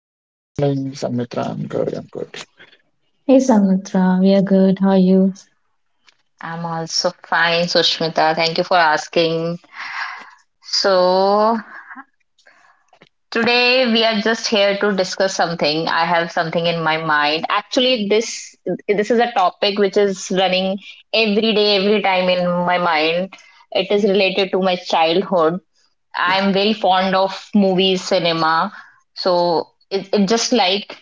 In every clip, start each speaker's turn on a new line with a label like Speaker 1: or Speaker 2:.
Speaker 1: Good morning, Samitra. I'm good. I'm good.
Speaker 2: Hey Samitra, we are good. How are you?
Speaker 3: I'm also fine, Sushmita. Thank you for asking. So, today we are just here to discuss something. I have something in my mind. Actually, this is a topic which is running every day, every time in my mind. It is related to my childhood. I'm very fond of movies, cinema. So, it just like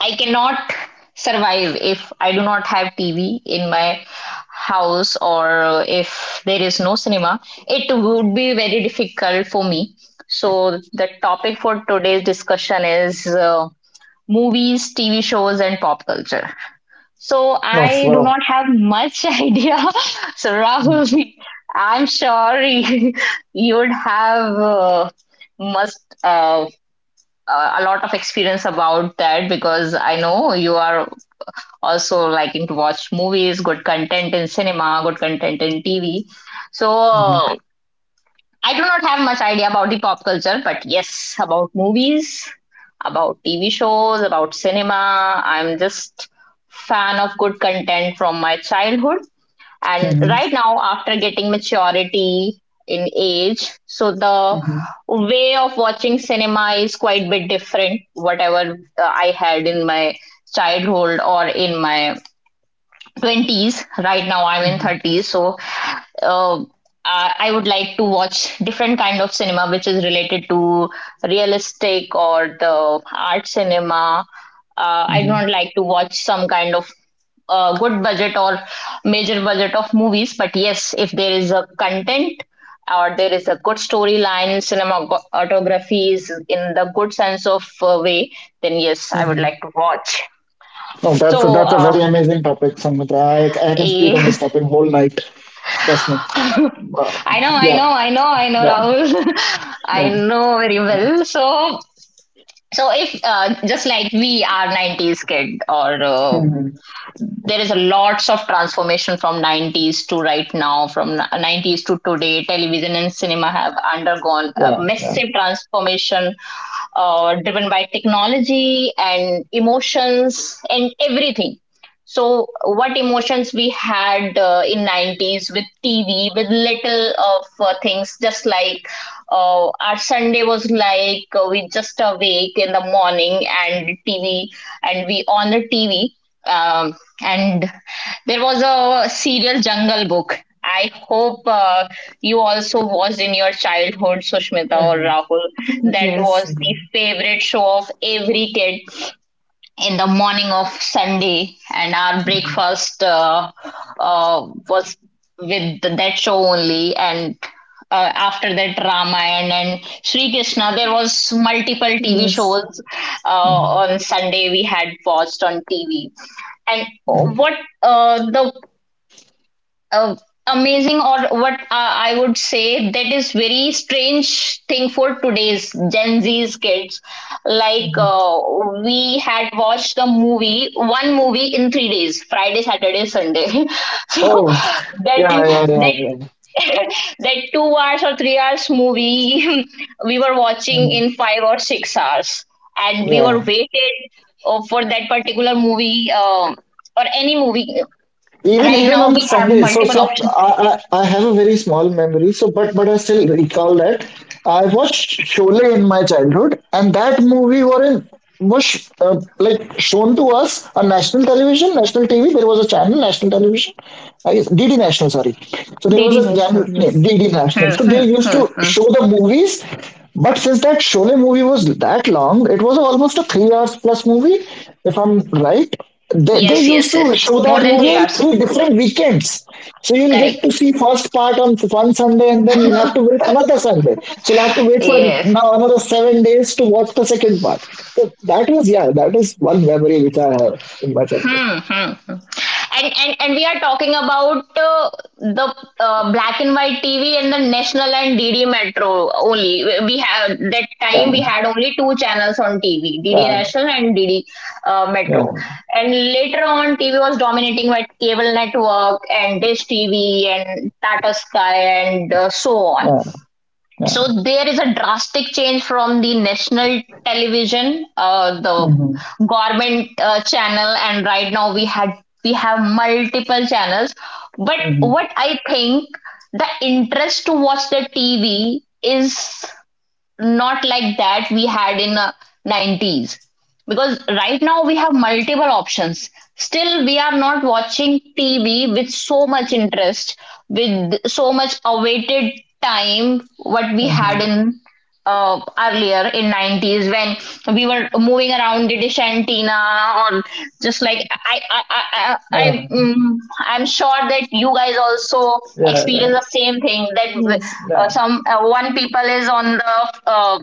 Speaker 3: I cannot survive if I do not have TV in my house or if there is no cinema. It would be very difficult for me. So, the topic for today's discussion is movies, TV shows, and pop culture. So,
Speaker 1: No,
Speaker 3: I do
Speaker 1: wow.
Speaker 3: not have much idea. So, Rahul, I'm sure you would have must. A lot of experience about that because I know you are also liking to watch movies, good content in cinema, good content in TV. So
Speaker 1: Mm-hmm.
Speaker 3: I do not have much idea about the pop culture, but yes, about movies, about TV shows, about cinema. I'm just fan of good content from my childhood. And
Speaker 1: hmm
Speaker 3: right now, after getting maturity in age, so the
Speaker 1: hmm
Speaker 3: way of watching cinema is quite a bit different. Whatever I had in my childhood or in my 20s. Right now I'm in
Speaker 1: hmm
Speaker 3: 30s, so I would like to watch different kind of cinema which is related to realistic or the art cinema. I don't like to watch some kind of good budget or major budget of movies, but yes, if there is a content or there is a good storyline, cinematography is in the good sense of way, then yes, I would
Speaker 1: hmm
Speaker 3: like to watch.
Speaker 1: No, that's a,
Speaker 3: So
Speaker 1: that's a very amazing topic, Samitra. I can speak
Speaker 3: a
Speaker 1: on this topic whole night. Trust me. But
Speaker 3: I know, I
Speaker 1: yeah,
Speaker 3: know, I know, I know,
Speaker 1: yeah,
Speaker 3: Rahul. I
Speaker 1: yeah,
Speaker 3: know very well. So, so if just like we are 90s kid, or
Speaker 1: hmm
Speaker 3: there is a lots of transformation from 90s to right now. From 90s to today, television and cinema have undergone a
Speaker 1: yeah, yeah.
Speaker 3: massive transformation, driven by technology and emotions and everything. So what emotions we had in 90s with TV, with little of things, just like our Sunday was like, we just awake in the morning and TV, and we on the TV. um, and there was a serial Jungle Book. I hope you also watched in your childhood, Sushmita or
Speaker 1: hmm
Speaker 3: Rahul. That
Speaker 2: Yes,
Speaker 3: was
Speaker 1: hmm
Speaker 3: the favorite show of every kid in the morning of Sunday, and our breakfast was with that show only. And after that, Ramayana and Sri Krishna, there was multiple TV
Speaker 2: yes.
Speaker 3: shows
Speaker 1: hmm
Speaker 3: on Sunday we had watched on TV. And what the uh, amazing, or what I would say that is very strange thing for today's Gen Z's kids, like
Speaker 1: hmm
Speaker 3: we had watched a movie, one movie in 3 days, Friday, Saturday, Sunday. So
Speaker 1: Oh, yeah,
Speaker 3: that
Speaker 1: yeah, yeah,
Speaker 3: that
Speaker 1: yeah.
Speaker 3: that 2 hours or 3 hours movie we were watching
Speaker 1: Mhm.
Speaker 3: in 5 or 6 hours. And we
Speaker 1: Yeah,
Speaker 3: were waited for that particular movie, or any movie.
Speaker 1: even
Speaker 3: Right
Speaker 1: even
Speaker 3: now,
Speaker 1: on the
Speaker 3: we have
Speaker 1: Sunday. So,
Speaker 3: multiple
Speaker 1: so
Speaker 3: options.
Speaker 1: I have a very small memory. But I still recall that I watched Sholay in my childhood, and that movie Warren was like shown to us on national television, national TV. There was a channel, national television, I guess DD National. Sorry, so there was
Speaker 2: DD
Speaker 1: a
Speaker 2: National,
Speaker 1: channel
Speaker 2: yes,
Speaker 1: named DD National.
Speaker 3: Hmm,
Speaker 1: So they
Speaker 3: hmm,
Speaker 1: used
Speaker 3: hmm,
Speaker 1: to
Speaker 3: hmm.
Speaker 1: show the movies, but since that Sholay movie was that long, it was almost a 3 hours plus movie, if I'm right. They
Speaker 3: Yes,
Speaker 1: used
Speaker 3: yes, yes.
Speaker 1: to show
Speaker 3: More
Speaker 1: that
Speaker 3: than
Speaker 1: movie
Speaker 3: three
Speaker 1: in
Speaker 3: hours.
Speaker 1: three different weekends. So you'll get
Speaker 3: Correct.
Speaker 1: to see first part on one Sunday and then you'll have to wait another Sunday. So I have to wait for
Speaker 3: Yes.
Speaker 1: now another 7 days to watch the second part. So that was yeah, that is one memory which I have in my childhood.
Speaker 3: Hmm, hmm, hmm. And we are talking about the black and white TV and the national and DD Metro only. We have that time we
Speaker 1: Yeah,
Speaker 3: had only two channels on TV, DD
Speaker 1: yeah,
Speaker 3: National and DD
Speaker 1: yeah,
Speaker 3: Metro. And later on, TV was dominating by cable network and Dish TV and Tata Sky and so on.
Speaker 1: yeah, yeah.
Speaker 3: So there is a drastic change from the national television, the
Speaker 1: hmm
Speaker 3: government channel, and right now we had, we have multiple channels. But
Speaker 1: hmm
Speaker 3: what I think, the interest to watch the TV is not like that we had in 90s, because right now we have multiple options, still we are not watching TV with so much interest, with so much awaited time what we had
Speaker 1: hmm
Speaker 3: in earlier in 90s, when we were moving around. It is Shantina, or just like
Speaker 1: Yeah,
Speaker 3: I'm sure that you guys also
Speaker 1: yeah, yeah,
Speaker 3: experience the same thing that
Speaker 2: yes.
Speaker 1: yeah.
Speaker 3: some one people is on the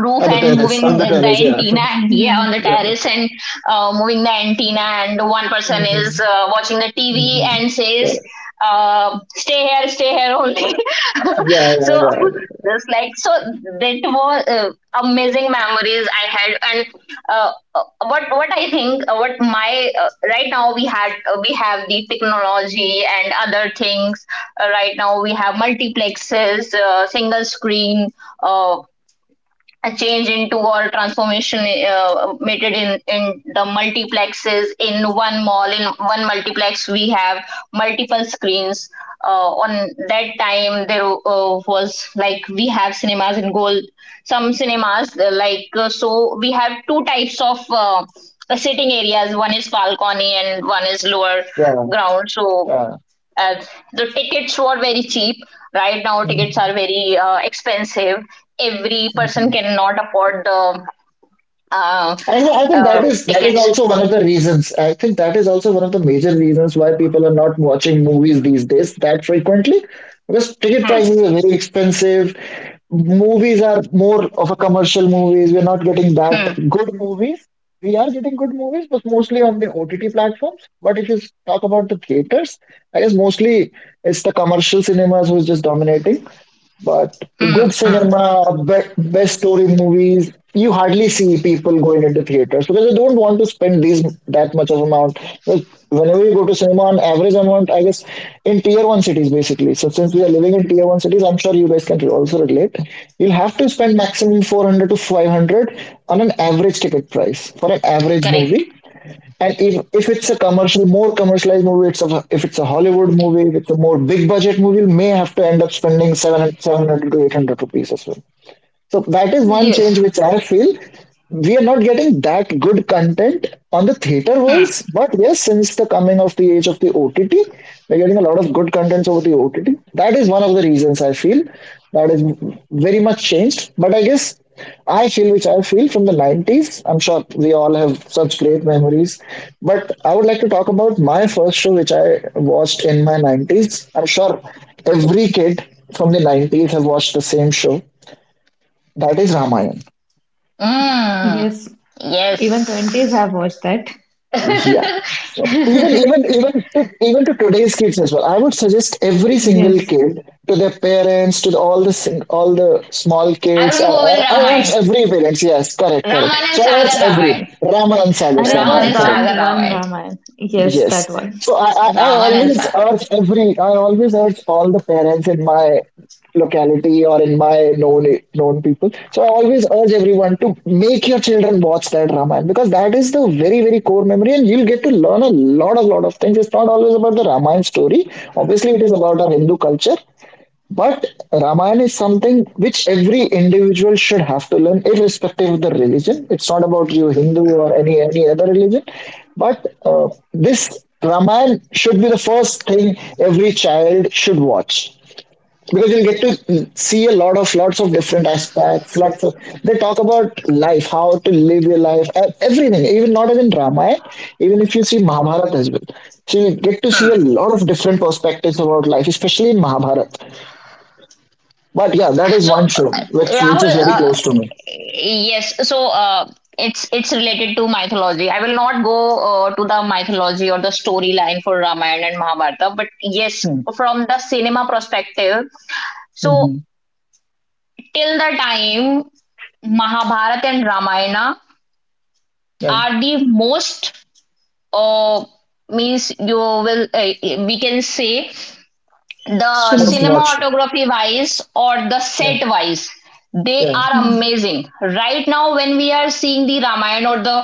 Speaker 3: roof and
Speaker 1: On
Speaker 3: moving
Speaker 1: the
Speaker 3: the
Speaker 1: terrace, yeah.
Speaker 3: antenna here on the
Speaker 2: Hmm,
Speaker 1: yeah.
Speaker 3: terrace, and moving the antenna, and one person is
Speaker 1: hmm
Speaker 3: watching the TV
Speaker 1: hmm
Speaker 3: and
Speaker 1: Yeah,
Speaker 3: says, stay here only.
Speaker 1: yeah, yeah,
Speaker 3: So
Speaker 1: yeah,
Speaker 3: just like, so that was amazing memories I had. And what I think, what my right now we had, we have the technology and other things. Right now we have multiplexes, single screen, uh, a change into or transformation made it in the multiplexes. In one mall, in one multiplex, we have multiple screens. On that time, there was like we have cinemas in gold, some cinemas so we have two types of sitting areas, one is balcony and one is lower
Speaker 1: yeah.
Speaker 3: ground. So
Speaker 1: Yeah.
Speaker 3: uh, the tickets were very cheap. Right now, tickets
Speaker 1: Mm-hmm,
Speaker 3: are very expensive. Every person
Speaker 1: mm-hmm.
Speaker 3: cannot afford the uh,
Speaker 1: I think that is
Speaker 3: tickets.
Speaker 1: also one of the reasons. I think that is also one of the major reasons why people are not watching movies these days that frequently because ticket
Speaker 3: Hmm.
Speaker 1: prices are very expensive. Movies are more of a commercial movies. We're not getting that
Speaker 3: Hmm.
Speaker 1: good movies. We are getting good movies, but mostly on the OTT platforms. But if you talk about the theaters, I guess mostly it's the commercial cinemas who's just dominating. But
Speaker 3: Hmm.
Speaker 1: good
Speaker 3: Hmm.
Speaker 1: cinema, best story movies, you hardly see people going into theaters because they don't want to spend these that much of amount. Because whenever you go to cinema, on average amount, I guess, in tier one cities basically. So since we are living in tier one cities, I'm sure you guys can also relate. You'll have to spend maximum 400 to 500 on an average ticket price for an average
Speaker 3: Correct.
Speaker 1: movie and if it's a commercial, more commercialized movie, if it's a Hollywood movie, if it's a more big budget movie, you may have to end up spending 700, 700 to 800 rupees as well. So that is one change which I feel we are not getting that good content on the theater
Speaker 3: Hmm.
Speaker 1: wise, but yes, since the coming of the age of the OTT, we're getting a lot of good contents over the OTT. That is one of the reasons I feel that is very much changed. But I guess I feel from the 90s. I'm sure we all have such great memories. But I would like to talk about my first show which I watched in my 90s. I'm sure every kid from the 90s have watched the same show that is Ramayana.
Speaker 3: Mm.
Speaker 2: yes. Even '20s
Speaker 3: Yes.
Speaker 2: have watched that.
Speaker 1: Yeah.
Speaker 3: Arun
Speaker 1: So even to today's kids as well, I would suggest every single
Speaker 2: Yes.
Speaker 1: kid to their parents, to the, all the small kids.
Speaker 3: Govind
Speaker 1: I urge
Speaker 3: Ramayana.
Speaker 1: every parents. Yes, correct, correct.
Speaker 3: Raman and
Speaker 1: So I urge
Speaker 3: Sagar
Speaker 1: every
Speaker 3: Ramayana.
Speaker 1: Ramanan
Speaker 2: And
Speaker 1: Sagar's
Speaker 2: it was
Speaker 1: Ramayana. Correct.
Speaker 2: Dand one
Speaker 3: Ramayana.
Speaker 2: Ramayana. Yes,
Speaker 1: Yes.
Speaker 2: that one.
Speaker 1: So I
Speaker 3: Raman and
Speaker 1: always
Speaker 3: Sagar.
Speaker 1: urge every, I always urge all the parents in my locality or in my known people. So I always urge everyone to make your children watch that Ramayana because that is the very, very core memory and you'll get to learn a lot of things. It's not always about the Ramayana story. Obviously, it is about our Hindu culture, but Ramayana is something which every individual should have to learn, irrespective of the religion. It's not about you, Hindu or any other religion. But this Ramayana should be the first thing every child should watch because you'll get to see a lot of lots of different aspects. Lots of they talk about life, how to live your life, everything. Even not even Ramayana, even if you see Mahabharata as well. So you get to see
Speaker 3: Hmm.
Speaker 1: a lot of different perspectives about life, especially in Mahabharata. But yeah, that is
Speaker 3: So,
Speaker 1: one show which
Speaker 3: Rahul,
Speaker 1: is very close to me.
Speaker 3: yes. So, it's related to mythology. I will not go to the mythology or the storyline for Ramayana and Mahabharata, but yes,
Speaker 1: Hmm.
Speaker 3: from the cinema perspective. So,
Speaker 1: hmm
Speaker 3: till the time Mahabharata and Ramayana
Speaker 1: Yeah,
Speaker 3: are the most uh, means you will we can say the
Speaker 1: most
Speaker 2: Streamed.
Speaker 1: watched.
Speaker 3: cinematography wise or the
Speaker 1: Yeah,
Speaker 3: set wise, they
Speaker 1: yeah.
Speaker 3: are
Speaker 2: Hmm.
Speaker 3: amazing. Right now, when we are seeing the Ramayana or the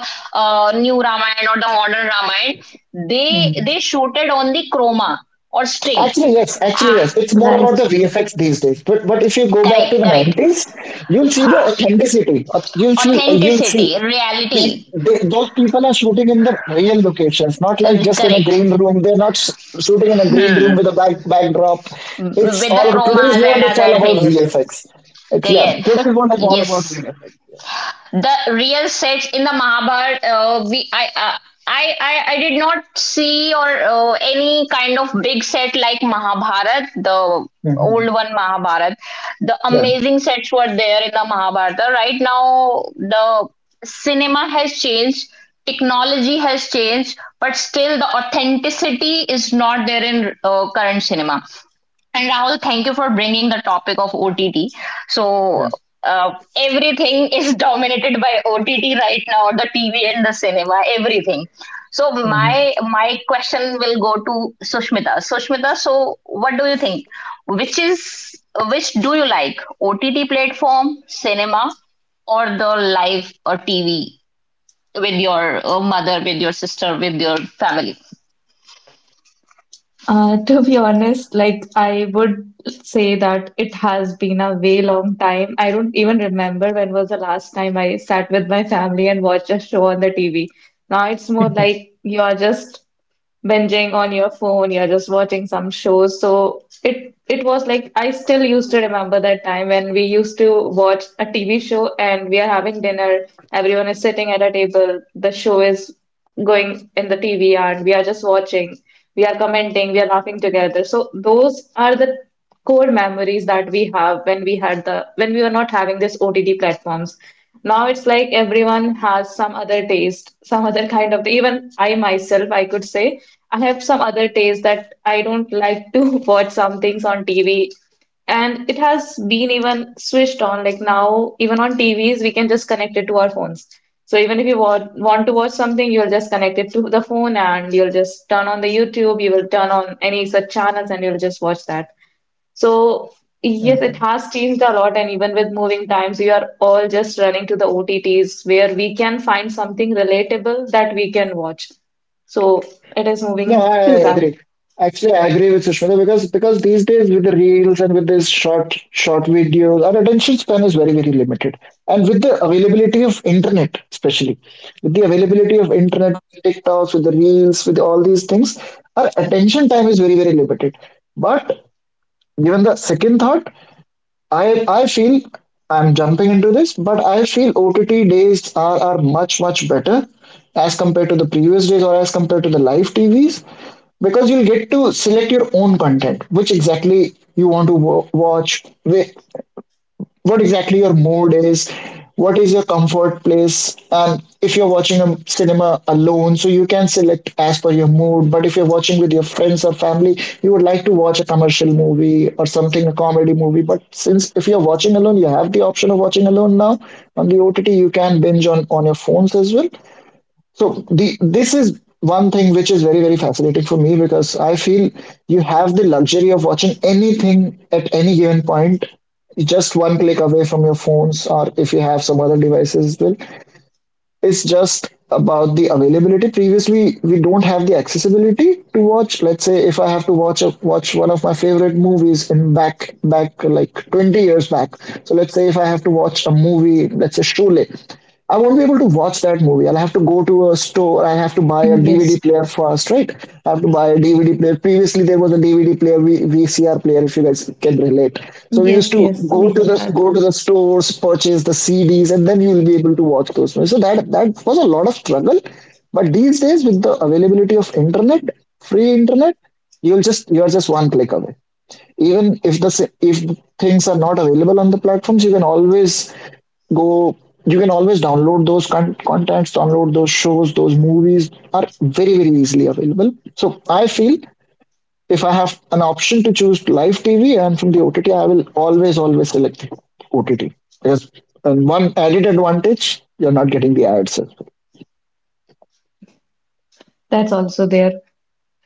Speaker 3: new Ramayana or the modern Ramayana,
Speaker 1: Mm.
Speaker 3: they shooted on the chroma or string.
Speaker 1: Actually, yes. Actually,
Speaker 3: Ah,
Speaker 1: yes. It's more about the
Speaker 2: Right.
Speaker 1: VFX these days. But if you go back to
Speaker 3: correct,
Speaker 1: the
Speaker 3: correct.
Speaker 1: nineties, you'll see
Speaker 3: Ha,
Speaker 1: the authenticity. You'll see.
Speaker 3: authenticity, reality.
Speaker 1: Those people are shooting in the real locations, not like just in a
Speaker 3: Correct,
Speaker 1: green room. They're not shooting in a green room with a backdrop.
Speaker 3: with
Speaker 1: It's
Speaker 3: the
Speaker 1: all about today's
Speaker 3: chromas and
Speaker 1: world. It's all
Speaker 3: other
Speaker 1: about
Speaker 3: things.
Speaker 1: VFX. It's yeah.
Speaker 3: Yes,
Speaker 1: Today's world is all about
Speaker 3: yes,
Speaker 1: VFX.
Speaker 3: the real sex in the Mahabharata, we I did not see or any kind of big set like Mahabharata, the old
Speaker 1: hmm
Speaker 3: one Mahabharata. The
Speaker 1: Yeah.
Speaker 3: amazing sets were there in the Mahabharata. Right now, the cinema has changed, technology has changed, but still the authenticity is not there in current cinema. And Rahul, thank you for bringing the topic of OTT. So,
Speaker 1: yeah.
Speaker 3: uh, everything is dominated by OTT right now, the TV and the cinema, everything. So,
Speaker 1: Mhm,
Speaker 3: my question will go to Sushmita. Sushmita, so what do you think? Which is, which do you like, OTT platform, cinema, or the live or TV with your mother, with your sister, with your family?
Speaker 2: To be honest, like I would say that it has been a way long time. I don't even remember when was the last time I sat with my family and watched a show on the TV. Now it's more like you're just binging on your phone, you're just watching some shows. So it was like I still used to remember that time when we used to watch a TV show and we are having dinner, everyone is sitting at a table, the show is going in the TV and we are just watching, we are commenting, we are laughing together. So those are the core memories that we have when we were not having this OTT platforms. Now it's like everyone has some other taste, some other kind of even I myself I could say I have some other taste that I don't like to watch some things on TV. And it has been even switched on. Like now, even on TVs, we can just connect it to our phones. So even if you want to watch something, you'll just connect it to the phone and you'll just turn on the YouTube, you will turn on any such channels and you'll just watch that. So, yes,
Speaker 1: mhm.
Speaker 2: it has changed a lot, and even with moving times, we are all just running to the OTTs where we can find something relatable that we can watch. So, it is
Speaker 1: No,
Speaker 2: moving
Speaker 1: I
Speaker 2: to that.
Speaker 1: agree. Actually, I agree with Sushmita because these days with the reels and with these short videos, our attention span is very limited. And with the availability of internet, especially with the availability of internet, TikToks, with the reels, with all these things, our attention time is very limited. But given the second thought, I feel I'm jumping into this, but I feel OTT days are much better as compared to the previous days or as compared to the live TVs because you'll get to select your own content, which exactly you want to watch, what exactly your mood is, what is your comfort place, and if you're watching a cinema alone, so you can select as per your mood. But if you're watching with your friends or family, you would like to watch a commercial movie or something, a comedy movie. But since if you're watching alone, you have the option of watching alone now on the OTT, you can binge on your phones as well. So the this is one thing which is very, very fascinating for me because I feel you have the luxury of watching anything at any given point, just one click away from your phones or if you have some other devices as well. It's just about the availability. Previously, we don't have the accessibility to watch. Let's say if I have to watch one of my favorite movies in back like 20 years back. So let's say if I have to watch a movie, let's say Sholay. I won't be able to watch that movie. I'll have to go to a store. I have to buy a DVD
Speaker 2: Yes,
Speaker 1: player first, right? I have to buy a DVD player. Previously, there was a DVD player, VCR player, if you guys can relate. So we used
Speaker 2: yes,
Speaker 1: to
Speaker 2: yes, we have that.
Speaker 1: go to the stores, purchase the CDs, and then you will be able to watch those movies. So that was a lot of struggle. But these days, with the availability of internet, free internet, you're just one click away even if things are not available on the platforms you can always go you can always download those contents, download those shows, those movies are very easily available. So I feel if I have an option to choose live TV and from the OTT I will always select the OTT because and one added advantage, you're not getting the ads as well.
Speaker 2: That's also there.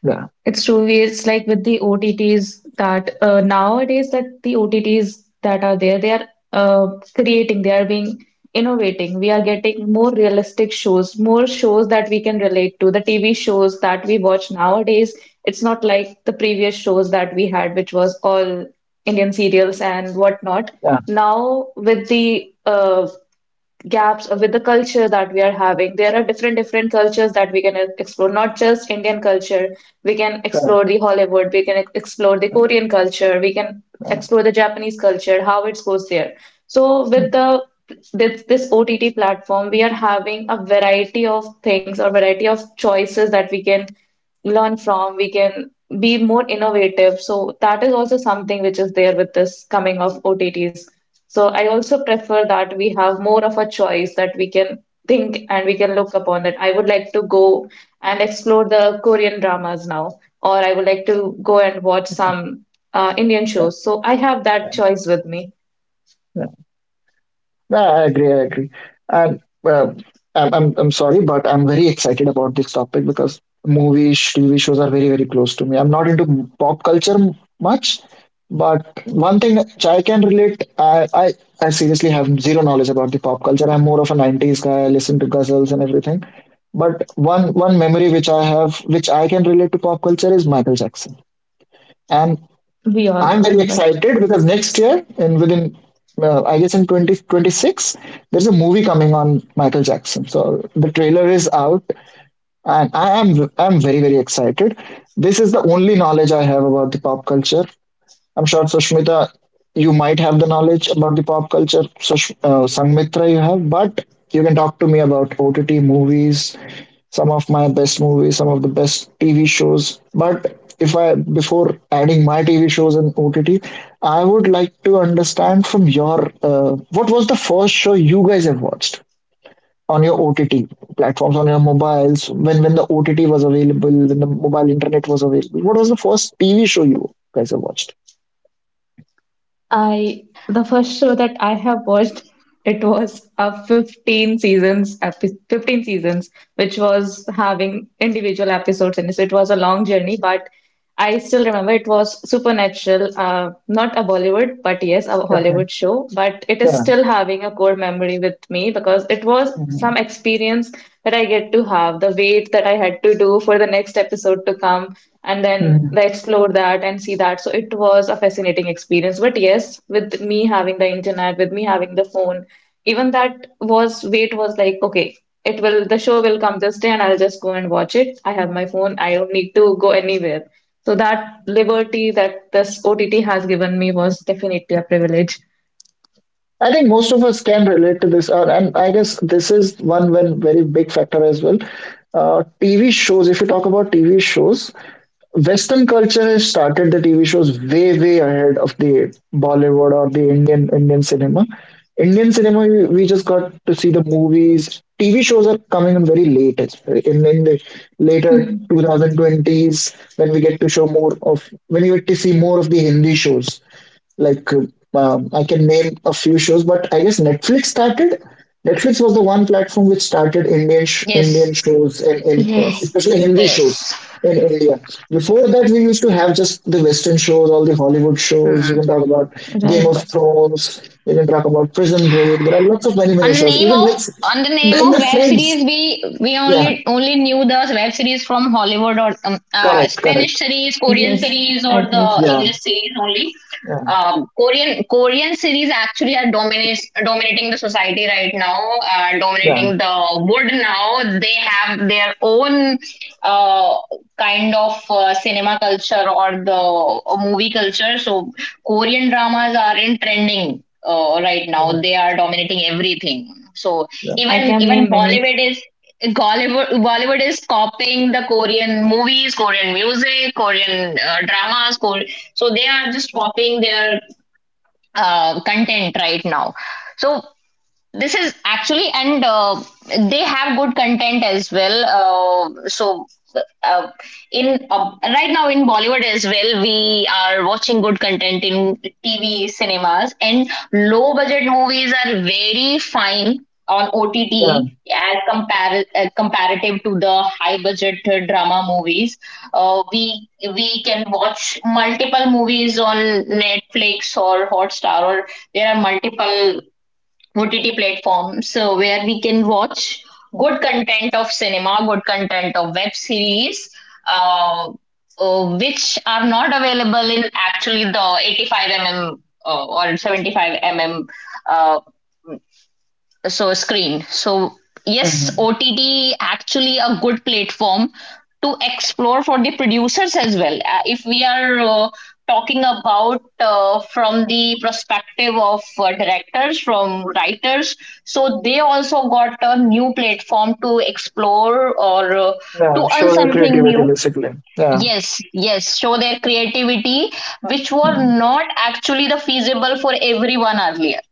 Speaker 1: Yeah,
Speaker 2: It's true. It's like with the OTTs that nowadays that the OTTs that are there, they are uh, creating, they are being innovating. We are getting more realistic shows, more shows that we can relate to. The TV shows that we watch nowadays, it's not like the previous shows that we had, which was all Indian serials and whatnot.
Speaker 1: yeah,
Speaker 2: Now with the gaps with the culture that we are having. There are different cultures that we can explore, not just Indian culture. We can explore
Speaker 1: correct,
Speaker 2: the Hollywood, we can explore the Korean culture, we can
Speaker 1: correct.
Speaker 2: explore the Japanese culture, how it goes there. So with the with this OTT platform, we are having a variety of things or variety of choices that we can learn from. We can be more innovative. So that is also something which is there with this coming of OTTs. So I also prefer that we have more of a choice that we can think and we can look upon that. I would like to go and explore the Korean dramas now, or I would like to go and watch some Indian shows. So I have
Speaker 1: Yeah,
Speaker 2: that choice with me.
Speaker 1: yeah. Yeah, I agree. I agree. And uh, I'm sorry, but I'm very excited about this topic because movies, TV shows are very close to me. I'm not into pop culture much, but one thing which I can relate, I seriously have zero knowledge about the pop culture. I'm more of a '90s guy. I listen to ghazals and everything. But one memory which I have, which I can relate to pop culture, is Michael Jackson. And
Speaker 2: We all
Speaker 1: I'm very
Speaker 2: remember.
Speaker 1: excited because next year, I guess in 2026, there's a movie coming on Michael Jackson. So the trailer is out, and I'm very very excited. This is the only knowledge I have about the pop culture. I'm sure Sushmita, you might have the knowledge about the pop culture. Sanmitra, you have, but you can talk to me about OTT movies, some of my best movies, some of the best TV shows. But if I before adding my TV shows and OTT, I would like to understand from your what was the first show you guys have watched on your OTT platforms, on your mobiles, when the OTT was available, when the mobile internet was available. What was the first TV show you guys have watched?
Speaker 2: I, the first show that I have watched, it was a 15 seasons which was having individual episodes in it. So it was a long journey, but I still remember it was Supernatural, not a Bollywood but yes a
Speaker 1: Okay.
Speaker 2: Hollywood show, but it is
Speaker 1: Yeah.
Speaker 2: still having a core memory with me because it was
Speaker 1: Mhm.
Speaker 2: some experience that I get to have, the way that I had to do for the next episode to come and then,
Speaker 1: Mhm.
Speaker 2: like, explore that and see that. So it was a fascinating experience. But yes, with me having the internet, with me having the phone, even that was wait was like, okay, it will the show will come this day and I'll just go and watch it. I have my phone, I don't need to go anywhere. So that liberty that this OTT has given me was definitely a privilege.
Speaker 1: I think most of us can relate to this, and I guess this is one very big factor as well. TV shows, if you talk about TV shows, Western culture has started the TV shows way, way ahead of the Bollywood or the Indian cinema. Indian cinema, we just got to see the movies. TV shows are coming in very late, as well, in the later
Speaker 2: Mm.
Speaker 1: 2020s when we get to show more of when we get to see more of the Hindi shows like I can name a few shows, but I guess Netflix started. Netflix was the one platform which started
Speaker 3: Yes.
Speaker 1: Indian shows, and,
Speaker 2: Yes,
Speaker 1: especially Hindi shows
Speaker 3: Yes.
Speaker 1: in India. Before that, we used to have just the Western shows, all the Hollywood shows. You can talk about Game of
Speaker 2: right.
Speaker 1: Thrones, you can talk about Prison Break. There are lots of, many
Speaker 3: On
Speaker 1: many
Speaker 3: the
Speaker 1: shows,
Speaker 3: name
Speaker 1: even,
Speaker 3: of,
Speaker 1: let's,
Speaker 3: on the name
Speaker 1: and
Speaker 3: of
Speaker 1: the
Speaker 3: web
Speaker 1: Friends.
Speaker 3: series, we
Speaker 1: Yeah,
Speaker 3: only knew the web series from Hollywood or
Speaker 1: correct.
Speaker 3: Spanish series, Korean
Speaker 2: Yes,
Speaker 3: series,
Speaker 2: I
Speaker 3: or the
Speaker 2: agree.
Speaker 1: Yeah.
Speaker 3: English series only.
Speaker 1: Yeah.
Speaker 3: Korean, Korean series actually are dominates dominating the society right now,
Speaker 1: Yeah.
Speaker 3: dominating the world. Now they have their own uh, kind of cinema culture or the movie culture. So Korean dramas are in trending right now. They
Speaker 1: Yeah,
Speaker 3: are dominating everything. So
Speaker 1: yeah.
Speaker 2: I
Speaker 3: even
Speaker 2: can
Speaker 3: even
Speaker 2: name many.
Speaker 3: Bollywood is, Bollywood is copying the Korean movies, Korean music, Korean dramas. Kore- so they are just copying their content right now. So this is actually, and they have good content as well. Uh, so, uh, in right now in Bollywood as well, we are watching good content in TV, cinemas, and low budget movies are very fine on
Speaker 1: yeah.
Speaker 3: OTT as comparative to the high budget drama movies. Uh, we we can watch multiple movies on Netflix or Hotstar, or there are multiple OTT platform, so where we can watch good content of cinema, good content of web series, uh, which are not available in actually the 85 mm or 75 mm so screen. So yes,
Speaker 1: Mhm.
Speaker 3: OTT actually a good platform to explore for the producers as well. If we are talking about from the perspective of directors, from writers, so they also got a new platform to explore, or
Speaker 1: Yeah.
Speaker 3: to earn
Speaker 1: Show their
Speaker 3: something
Speaker 1: creativity,
Speaker 3: new.
Speaker 1: basically. Yeah.
Speaker 3: Yes, yes, show their creativity, which were
Speaker 1: Yeah.
Speaker 3: not actually the feasible for everyone earlier.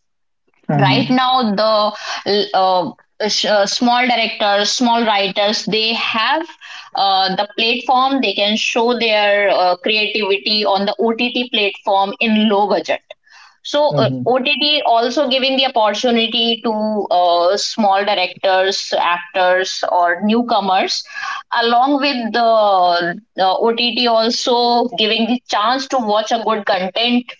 Speaker 3: Right
Speaker 1: Hmm.
Speaker 3: now the small directors, small writers, they have the platform, they can show their creativity on the OTT platform in low budget. So
Speaker 1: Hmm.
Speaker 3: OTT also giving the opportunity to small directors, actors or newcomers. Along with the OTT also giving the chance to watch a good content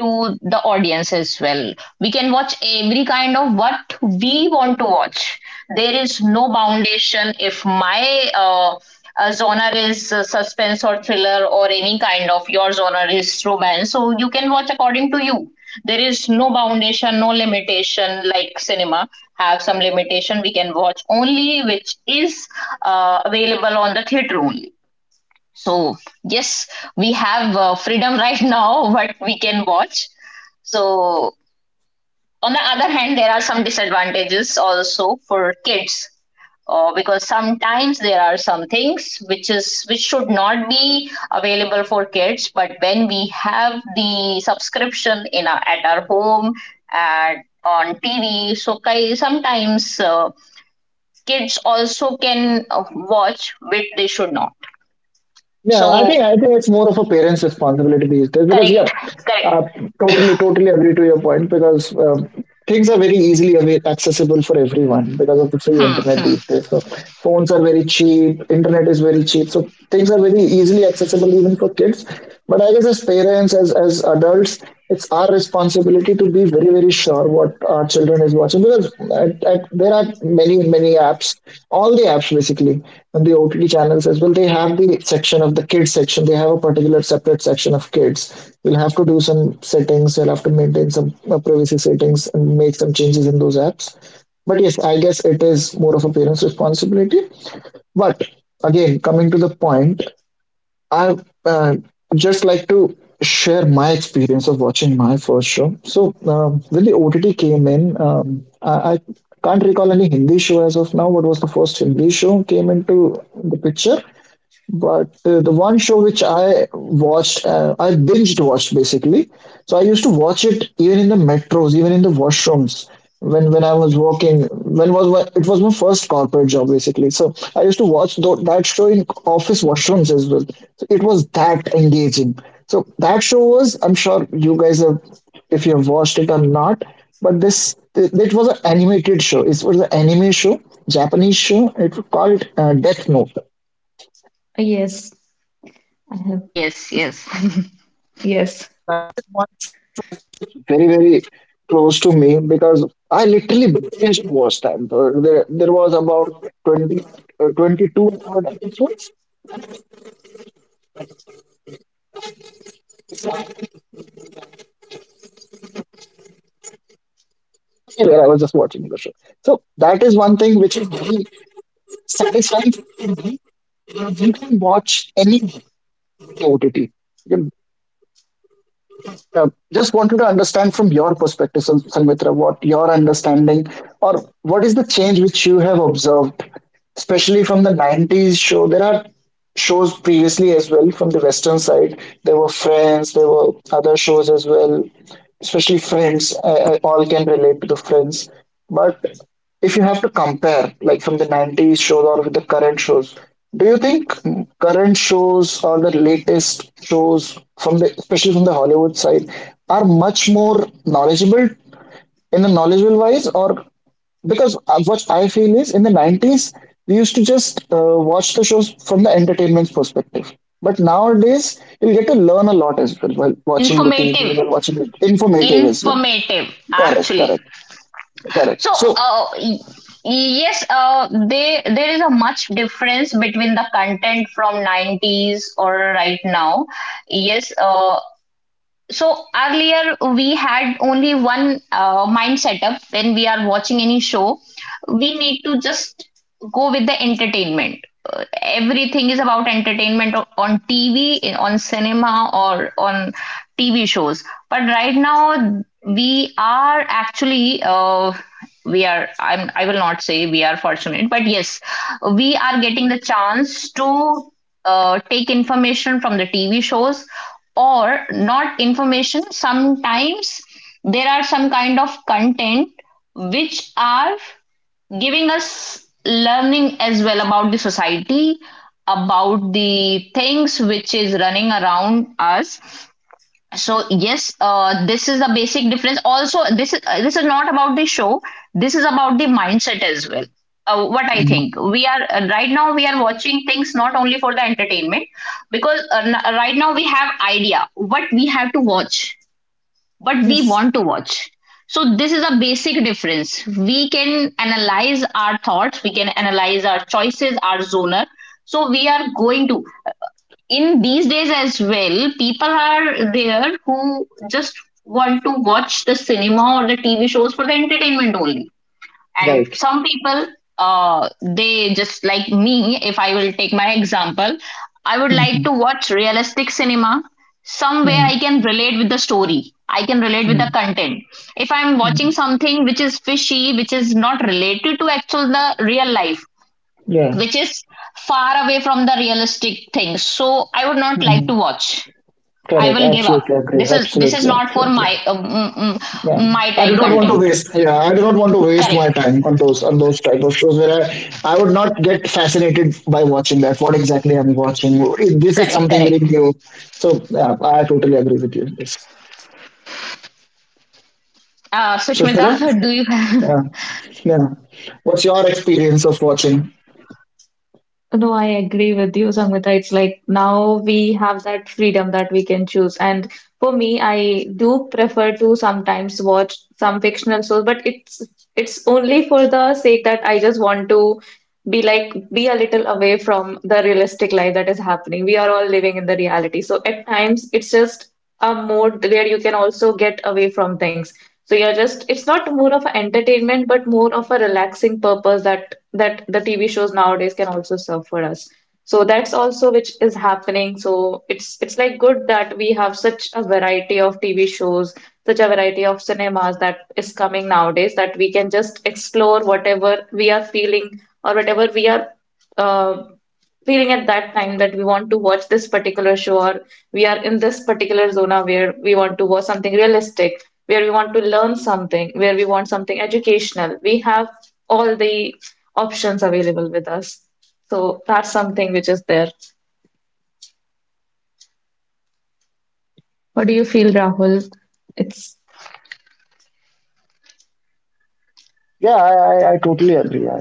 Speaker 3: to the audience as well. We can watch every kind of what we want to watch. There is no foundation if my genre is suspense or thriller, or any kind of, your genre is romance. So you can watch according to you. There is no foundation, no limitation like cinema have some limitation. We can watch only which is available on the theater only. So, yes, we have freedom right now, what we can watch. So, on the other hand, there are some disadvantages also for kids, because sometimes there are some things which is which should not be available for kids, but when we have the subscription in our, at our home and on tv. So sometimes kids also can watch which they should not,
Speaker 1: Yeah, I
Speaker 3: so
Speaker 1: think I think it's more of a parent's responsibility these days, because
Speaker 3: correct,
Speaker 1: yeah,
Speaker 3: correct.
Speaker 1: uh, totally agree to your point. Because things are very easily accessible for everyone because of the free
Speaker 3: Hmm,
Speaker 1: internet
Speaker 3: hmm.
Speaker 1: these days. So phones are very cheap, internet is very cheap, so things are very easily accessible even for kids. But I guess as parents, as adults, it's our responsibility to be very sure what our children is watching. Because there are many apps, all the apps basically, and the OTT channels as well. They have the section of the kids section. They have a particular separate section of kids. You'll have to do some settings, you'll have to maintain some privacy settings and make some changes in those apps. But yes, I guess it is more of a parent's responsibility. But again, coming to the point, I uh, just like to share my experience of watching my first show. So when the OTT came in, I can't recall any Hindi show as of now. What was the first Hindi show came into the picture? But the one show which I watched, I binged watched, basically. So I used to watch it even in the metros, even in the washrooms. When I was working, it was my first corporate job, basically. So I used to watch that show in office washrooms as well. So it was that engaging. So that show was, I'm sure you guys have, if you have watched it or not, but this it it was an animated show. It was an anime show, Japanese show. It was called Death Note.
Speaker 2: Yes, I have.
Speaker 3: Yes, yes.
Speaker 2: Yes,
Speaker 1: Very close to me, because I literally binged watched that. There was about 20, 22 odd episodes where I was just watching the show. So that is one thing which is very satisfying for me. You can watch any OTT. Just wanted to understand from your perspective, Sanmitra, what your understanding or what is the change which you have observed, especially from the 90s show. There are shows previously as well from the Western side. There were Friends, there were other shows as well, especially Friends. All can relate to the Friends. But if you have to compare like from the 90s shows or with the current shows, do you think current shows or the latest shows from the, especially from the Hollywood side, are much more knowledgeable, in the knowledgeable wise, or, because what I feel is, in the 90s, we used to just watch the shows from the entertainment perspective. But nowadays you'll get to learn a lot as well while watching the TV,
Speaker 3: Informative.
Speaker 1: while watching it, informative as well.
Speaker 3: Informative,
Speaker 1: correct
Speaker 3: actually.
Speaker 1: correct Correct.
Speaker 3: So,
Speaker 1: So,
Speaker 3: yes, there is a much difference between the content from 90s or right now. Yes, so earlier we had only one mind setup. When we are watching any show, we need to just go with the entertainment. Everything is about entertainment on tv, on cinema, or on tv shows. But right now we are actually, uh, we are I'm I will not say we are fortunate, but yes, we are getting the chance to take information from the TV shows. Or not information. Sometimes there are some kind of content which are giving us learning as well, about the society, about the things which is running around us. So yes, this is the basic difference. Also, this is not about the show, this is about the mindset as well. What I
Speaker 1: mm,
Speaker 3: think, we are right now we are watching things not only for the entertainment, because right now we have idea what we have to watch, what we
Speaker 2: yes.
Speaker 3: want to watch. So this is a basic difference. We can analyze our thoughts, we can analyze our choices, our zoner. So we are going to, in these days as well, people are there who just want to watch the cinema or the TV shows for the entertainment only. And
Speaker 1: right.
Speaker 3: some people, they just like me, if I will take my example, I would like
Speaker 1: Mhm,
Speaker 3: to watch realistic cinema. Somewhere I
Speaker 1: mhm.
Speaker 3: can relate with the story. I can relate with the
Speaker 1: Mm,
Speaker 3: content. If I'm watching something which is fishy, which is not related to actual the real life,
Speaker 1: yeah,
Speaker 3: which is far away from the realistic things, so I would not like to
Speaker 1: mm,
Speaker 3: watch. I
Speaker 1: correct.
Speaker 3: will give up.
Speaker 1: Absolutely agree.
Speaker 3: This is
Speaker 1: Absolutely,
Speaker 3: not for
Speaker 1: absolutely.
Speaker 3: my,
Speaker 1: Yeah,
Speaker 3: my
Speaker 1: I do
Speaker 3: type
Speaker 1: not want to
Speaker 3: content.
Speaker 1: waste. Yeah, I do not want to waste my
Speaker 3: Correct,
Speaker 1: time on those type of shows where I would not get fascinated by watching that. What exactly I'm watching? This is
Speaker 3: correct,
Speaker 1: something very
Speaker 3: correct.
Speaker 1: new. So yeah, I totally agree with you on this. So
Speaker 3: Sushmita,
Speaker 1: Shweta,
Speaker 3: do you have —
Speaker 1: yeah, yeah. What's your experience of watching?
Speaker 2: No, I agree with you, Sangita. It's like now we have that freedom that we can choose. And for me, I do prefer to sometimes watch some fictional shows, but it's only for the sake that I just want to be a little away from the realistic life that is happening. We are all living in the reality. So at times it's just a mode where you can also get away from things. So you're just, it's not more of an entertainment, but more of a relaxing purpose that the TV shows nowadays can also serve for us. So that's also which is happening. So it's like good that we have such a variety of TV shows, such a variety of cinemas that is coming nowadays that we can just explore whatever we are feeling, or whatever we are uh, feeling at that time, that we want to watch this particular show, or we are in this particular zona where we want to watch something realistic, where we want to learn something, where we want something educational. We have all the options available with us. So that's something which is there. What do you feel, Rahul? It's
Speaker 1: Yeah, I totally agree. I.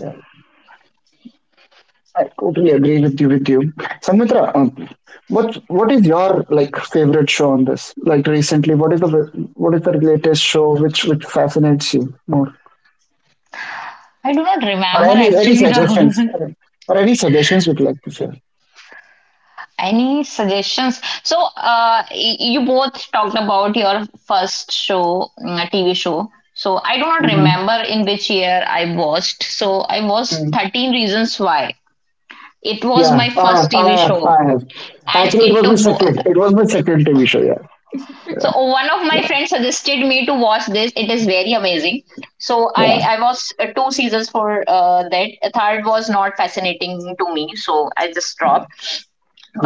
Speaker 1: I totally agree with you. With you, Samitra, what is your like favorite show on this? Like recently, what is the, what is the latest show which fascinates you more?
Speaker 3: I do not
Speaker 1: Or
Speaker 3: remember
Speaker 1: any
Speaker 3: actually, Rahul.
Speaker 1: suggestions? Or any suggestions you'd like to share?
Speaker 3: Any suggestions? So, you both talked about your first show, tv show. So I do not
Speaker 1: Hmm.
Speaker 3: remember in which year I watched. So I watched
Speaker 1: Mm.
Speaker 3: 13 Reasons Why. It was my
Speaker 1: Yeah,
Speaker 3: first TV
Speaker 1: I have,
Speaker 3: show,
Speaker 1: I have.
Speaker 3: and
Speaker 1: Actually, it was my second. It was my second TV show. Yeah, yeah,
Speaker 3: one of my
Speaker 1: yeah.
Speaker 3: friends suggested me to watch this. It is very amazing. So
Speaker 1: Yeah.
Speaker 3: I was, two seasons for that. Third was not fascinating to me, so I just dropped.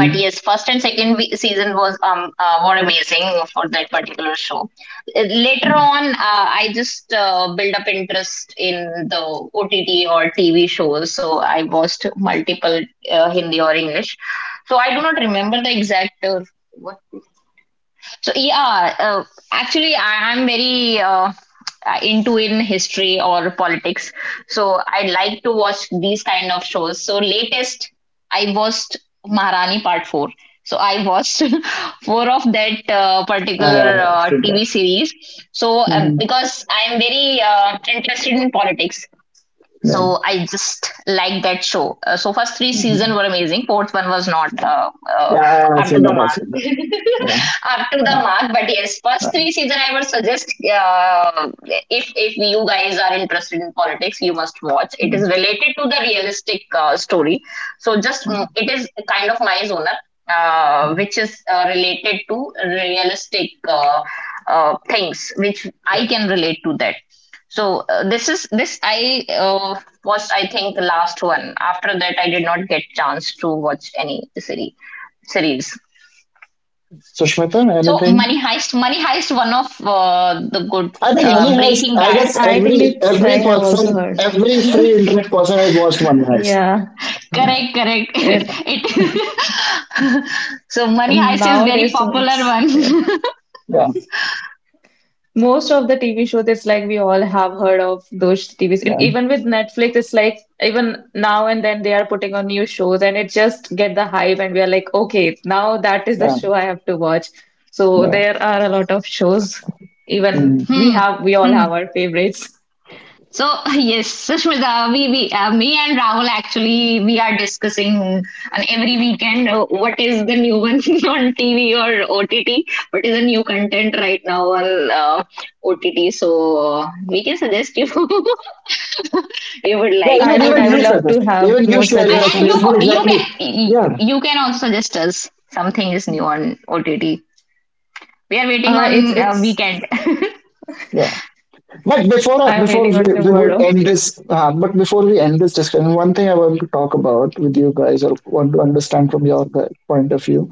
Speaker 3: But yes, first and second season was were amazing for that particular show. Uh, Later on, I just built up interest in the ott or tv shows. So I watched multiple, hindi or english. So I do not remember the exact. So yeah, uh, Actually, I am very into in history or politics, so I like to watch these kind of shows. So, latest, I watched Maharani Part Four. So I watched four of that particular
Speaker 1: I've seen that.
Speaker 3: TV series. So
Speaker 1: Hmm.
Speaker 3: because I am very interested in politics,
Speaker 1: Yeah,
Speaker 3: so I just like that show. So first three season
Speaker 1: hmm,
Speaker 3: were amazing, fourth one was not uh,
Speaker 1: yeah. I've
Speaker 3: up to
Speaker 1: seen
Speaker 3: the
Speaker 1: that. I've
Speaker 3: mark.
Speaker 1: seen that. Yeah,
Speaker 3: Up to the
Speaker 1: yeah.
Speaker 3: mark. But yes, first three season I would suggest. If you guys are interested in politics, you must watch. It is
Speaker 1: Yeah.
Speaker 3: related to the realistic, story. So just, it is kind of my genre, which is related to realistic, things which I
Speaker 1: Mm.
Speaker 3: can relate to that. So, this is this I, was, I think, the last one. After that, I did not get chance to watch any series. Series.
Speaker 1: Sushmita,
Speaker 3: So
Speaker 1: anything?
Speaker 3: Money Heist, Money Heist, one of the good.
Speaker 1: I think Money Heist.
Speaker 3: Breaking
Speaker 1: I
Speaker 3: Bad.
Speaker 1: guess
Speaker 2: I think
Speaker 1: every
Speaker 2: it's, I
Speaker 1: every
Speaker 2: have also
Speaker 1: person,
Speaker 2: heard.
Speaker 1: every free internet person has watched Money Heist.
Speaker 2: Yeah.
Speaker 1: Yeah,
Speaker 3: Correct, correct.
Speaker 2: It,
Speaker 3: It. So Money Heist is very
Speaker 2: Nowadays, so
Speaker 3: popular
Speaker 2: it's there.
Speaker 3: one.
Speaker 1: yeah,
Speaker 2: Most of the TV shows, it's like we all have heard of those TVs. And
Speaker 1: yeah,
Speaker 2: even with Netflix, it's like even now and then they are putting on new shows and it just get the hype and we are like, okay, now that is the
Speaker 1: yeah.
Speaker 2: show I have to watch. So
Speaker 1: Yeah.
Speaker 2: there are a lot of shows. Even
Speaker 1: Hmm.
Speaker 3: Hmm.
Speaker 2: we all
Speaker 3: Hmm.
Speaker 2: have our favorites.
Speaker 3: So yes, Sushmita, we me and Rahul actually, we are discussing on every weekend what is the new one on TV or OTT, what is the new content right now on, OTT. So we can suggest you. You would
Speaker 1: Yeah,
Speaker 3: like.
Speaker 2: I
Speaker 1: even
Speaker 2: would
Speaker 1: even
Speaker 2: I would
Speaker 1: you said.
Speaker 2: love to have
Speaker 1: Even you
Speaker 2: more
Speaker 1: share your
Speaker 3: I, and you
Speaker 1: experience.
Speaker 2: suggestions.
Speaker 1: What
Speaker 3: you
Speaker 1: exactly?
Speaker 3: can,
Speaker 1: Yeah,
Speaker 3: you can also suggest us something is new on OTT. We are waiting on
Speaker 2: It's
Speaker 3: weekend.
Speaker 1: yeah. But before
Speaker 2: I'm
Speaker 1: before
Speaker 2: waiting on
Speaker 1: we would
Speaker 2: tomorrow.
Speaker 1: end this, but before we end this discussion, one thing I want to talk about with you guys, or want to understand from your point of view,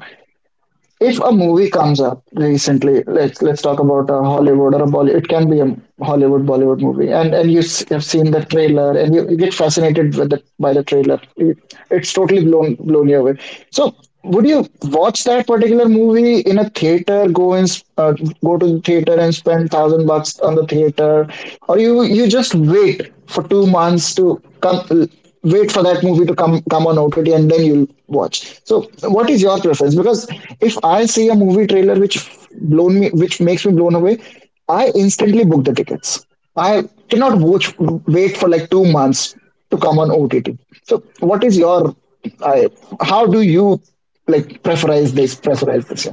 Speaker 1: if a movie comes up recently, let's talk about a Hollywood or a Bollywood. It can be a Hollywood, Bollywood movie, and you have seen the trailer, and you get fascinated with the, by the trailer. It- it's totally blown you away. So would you watch that particular movie in a theater, go and go to the theater and spend 1,000 bucks on the theater, or you just wait for 2 months to come, wait for that movie to come on OTT and then you'll watch. So what is your preference? Because if I see a movie trailer which blown me, which makes me blown away, I instantly book the tickets. I cannot watch, wait for like 2 months to come on OTT. So what is your, I, how do you like preferize this, preferize this?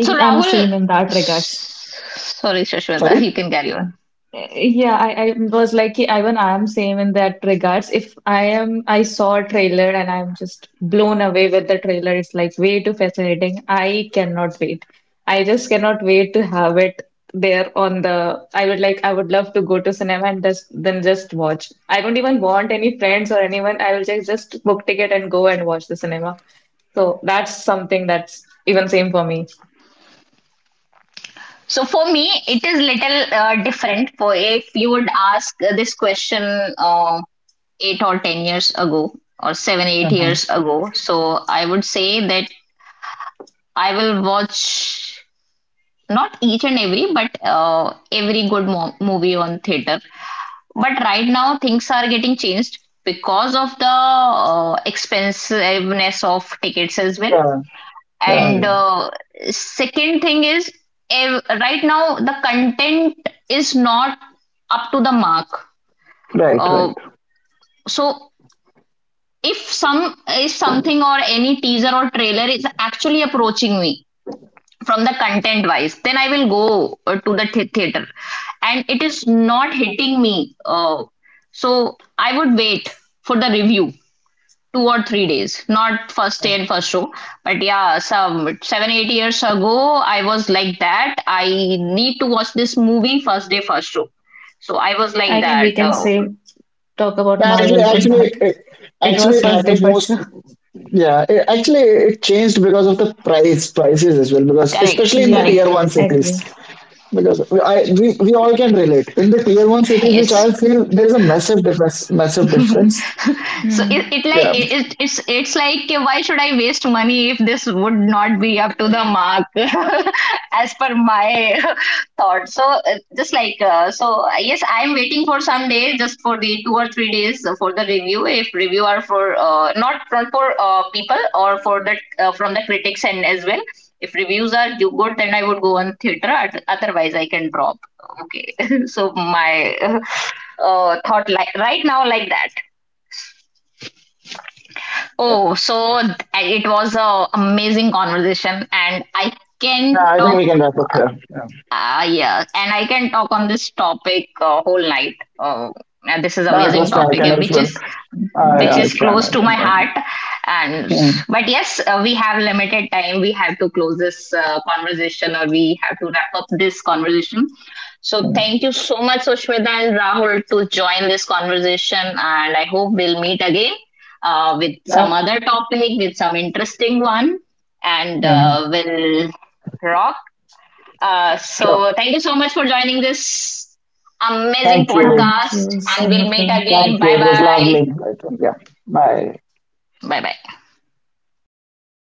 Speaker 3: So
Speaker 2: am
Speaker 3: Rahul,
Speaker 2: same in that regards.
Speaker 3: s- sorry Sushmita, you
Speaker 1: Sorry?
Speaker 3: can carry on.
Speaker 2: Yeah, I was like, even I am same in that regards. If I am, I saw a trailer and I'm just blown away with the trailer. It's like way too fascinating. I cannot wait. I just cannot wait to have it there on the. I would love to go to cinema and just then just watch. I don't even want any friends or anyone. I will just book ticket and go and watch the cinema. So that's something that's even same for me.
Speaker 3: So for me, it is little different. For, if you would ask this question, uh, 8 or 10 years ago, or 7 8 years ago, so I would say that I will watch not each and every, but every good movie on theater. But right now things are getting changed because of the expensiveness of tickets as well,
Speaker 1: Yeah, yeah,
Speaker 3: and
Speaker 1: yeah.
Speaker 3: second thing is, right now the content is not up to the mark.
Speaker 1: Right, right.
Speaker 3: uh, so if some, if something or any teaser or trailer is actually approaching me from the content wise, then I will go to the theater. And it is not hitting me, so I would wait for the review 2 or 3 days, not first day and first show. But yeah, some 7 8 years ago I was like that, I need to watch this movie first day first show. So I was like
Speaker 2: I can
Speaker 3: that,
Speaker 2: We can
Speaker 3: oh —
Speaker 2: say talk about
Speaker 1: Yeah, actually,
Speaker 2: marvels on that. It
Speaker 1: actually,
Speaker 2: was
Speaker 1: it
Speaker 2: first day
Speaker 1: happens
Speaker 2: for sure.
Speaker 1: most. Yeah, it, actually, it changed because of the prices as well. Because
Speaker 3: correct,
Speaker 1: especially in the
Speaker 2: Yeah,
Speaker 1: tier
Speaker 3: correct.
Speaker 1: one cities,
Speaker 2: agree.
Speaker 1: because I, we all can relate. In the tier one cities, which
Speaker 3: Yes.
Speaker 1: I feel there is a massive difference. Massive difference.
Speaker 3: So it,
Speaker 2: Hmm.
Speaker 3: it like
Speaker 1: Yeah,
Speaker 3: it, it's it's like, okay, why should I waste money if this would not be up to the mark, as per my thought? So, just like, so yes, I'm waiting for some day just for the 2 or 3 days for the review, if review are for, not from, for, people or for the, from the critics and as well. If reviews are good, then I would go on theater. Otherwise, I can drop. Okay. So my, thought like right now like that.
Speaker 1: yeah.
Speaker 3: Oh, so it was a amazing conversation, and I
Speaker 1: Yeah,
Speaker 3: can
Speaker 1: I think we
Speaker 3: talk.
Speaker 1: can wrap up here. Yeah.
Speaker 3: Yeah, and I can talk on this topic whole night. And this is
Speaker 1: No,
Speaker 3: amazing
Speaker 1: trust me, I
Speaker 3: topic,
Speaker 1: can
Speaker 3: which
Speaker 1: as
Speaker 3: is
Speaker 1: well.
Speaker 3: which is
Speaker 1: I
Speaker 3: close
Speaker 1: can,
Speaker 3: to
Speaker 1: I
Speaker 3: my
Speaker 1: can. Yeah.
Speaker 3: heart. And
Speaker 1: Mm,
Speaker 3: but yes, we have limited time. We have to close this conversation, or we have to wrap up this conversation. So thank you so much, Sushmita and Rahul, to join this conversation. And I hope we'll meet again with some other
Speaker 1: yeah.
Speaker 3: topic, with some interesting one, and
Speaker 1: Mhm.
Speaker 3: we'll rock. So thank you
Speaker 1: Sure.
Speaker 3: so much for joining this amazing
Speaker 1: Thank
Speaker 2: Thank
Speaker 3: podcast,
Speaker 1: you.
Speaker 2: you,
Speaker 3: and we'll meet
Speaker 2: Samudra.
Speaker 3: again. Bye
Speaker 1: Thank you. It was
Speaker 3: bye.
Speaker 1: lovely. Yeah.
Speaker 3: Bye bye.
Speaker 2: Bye.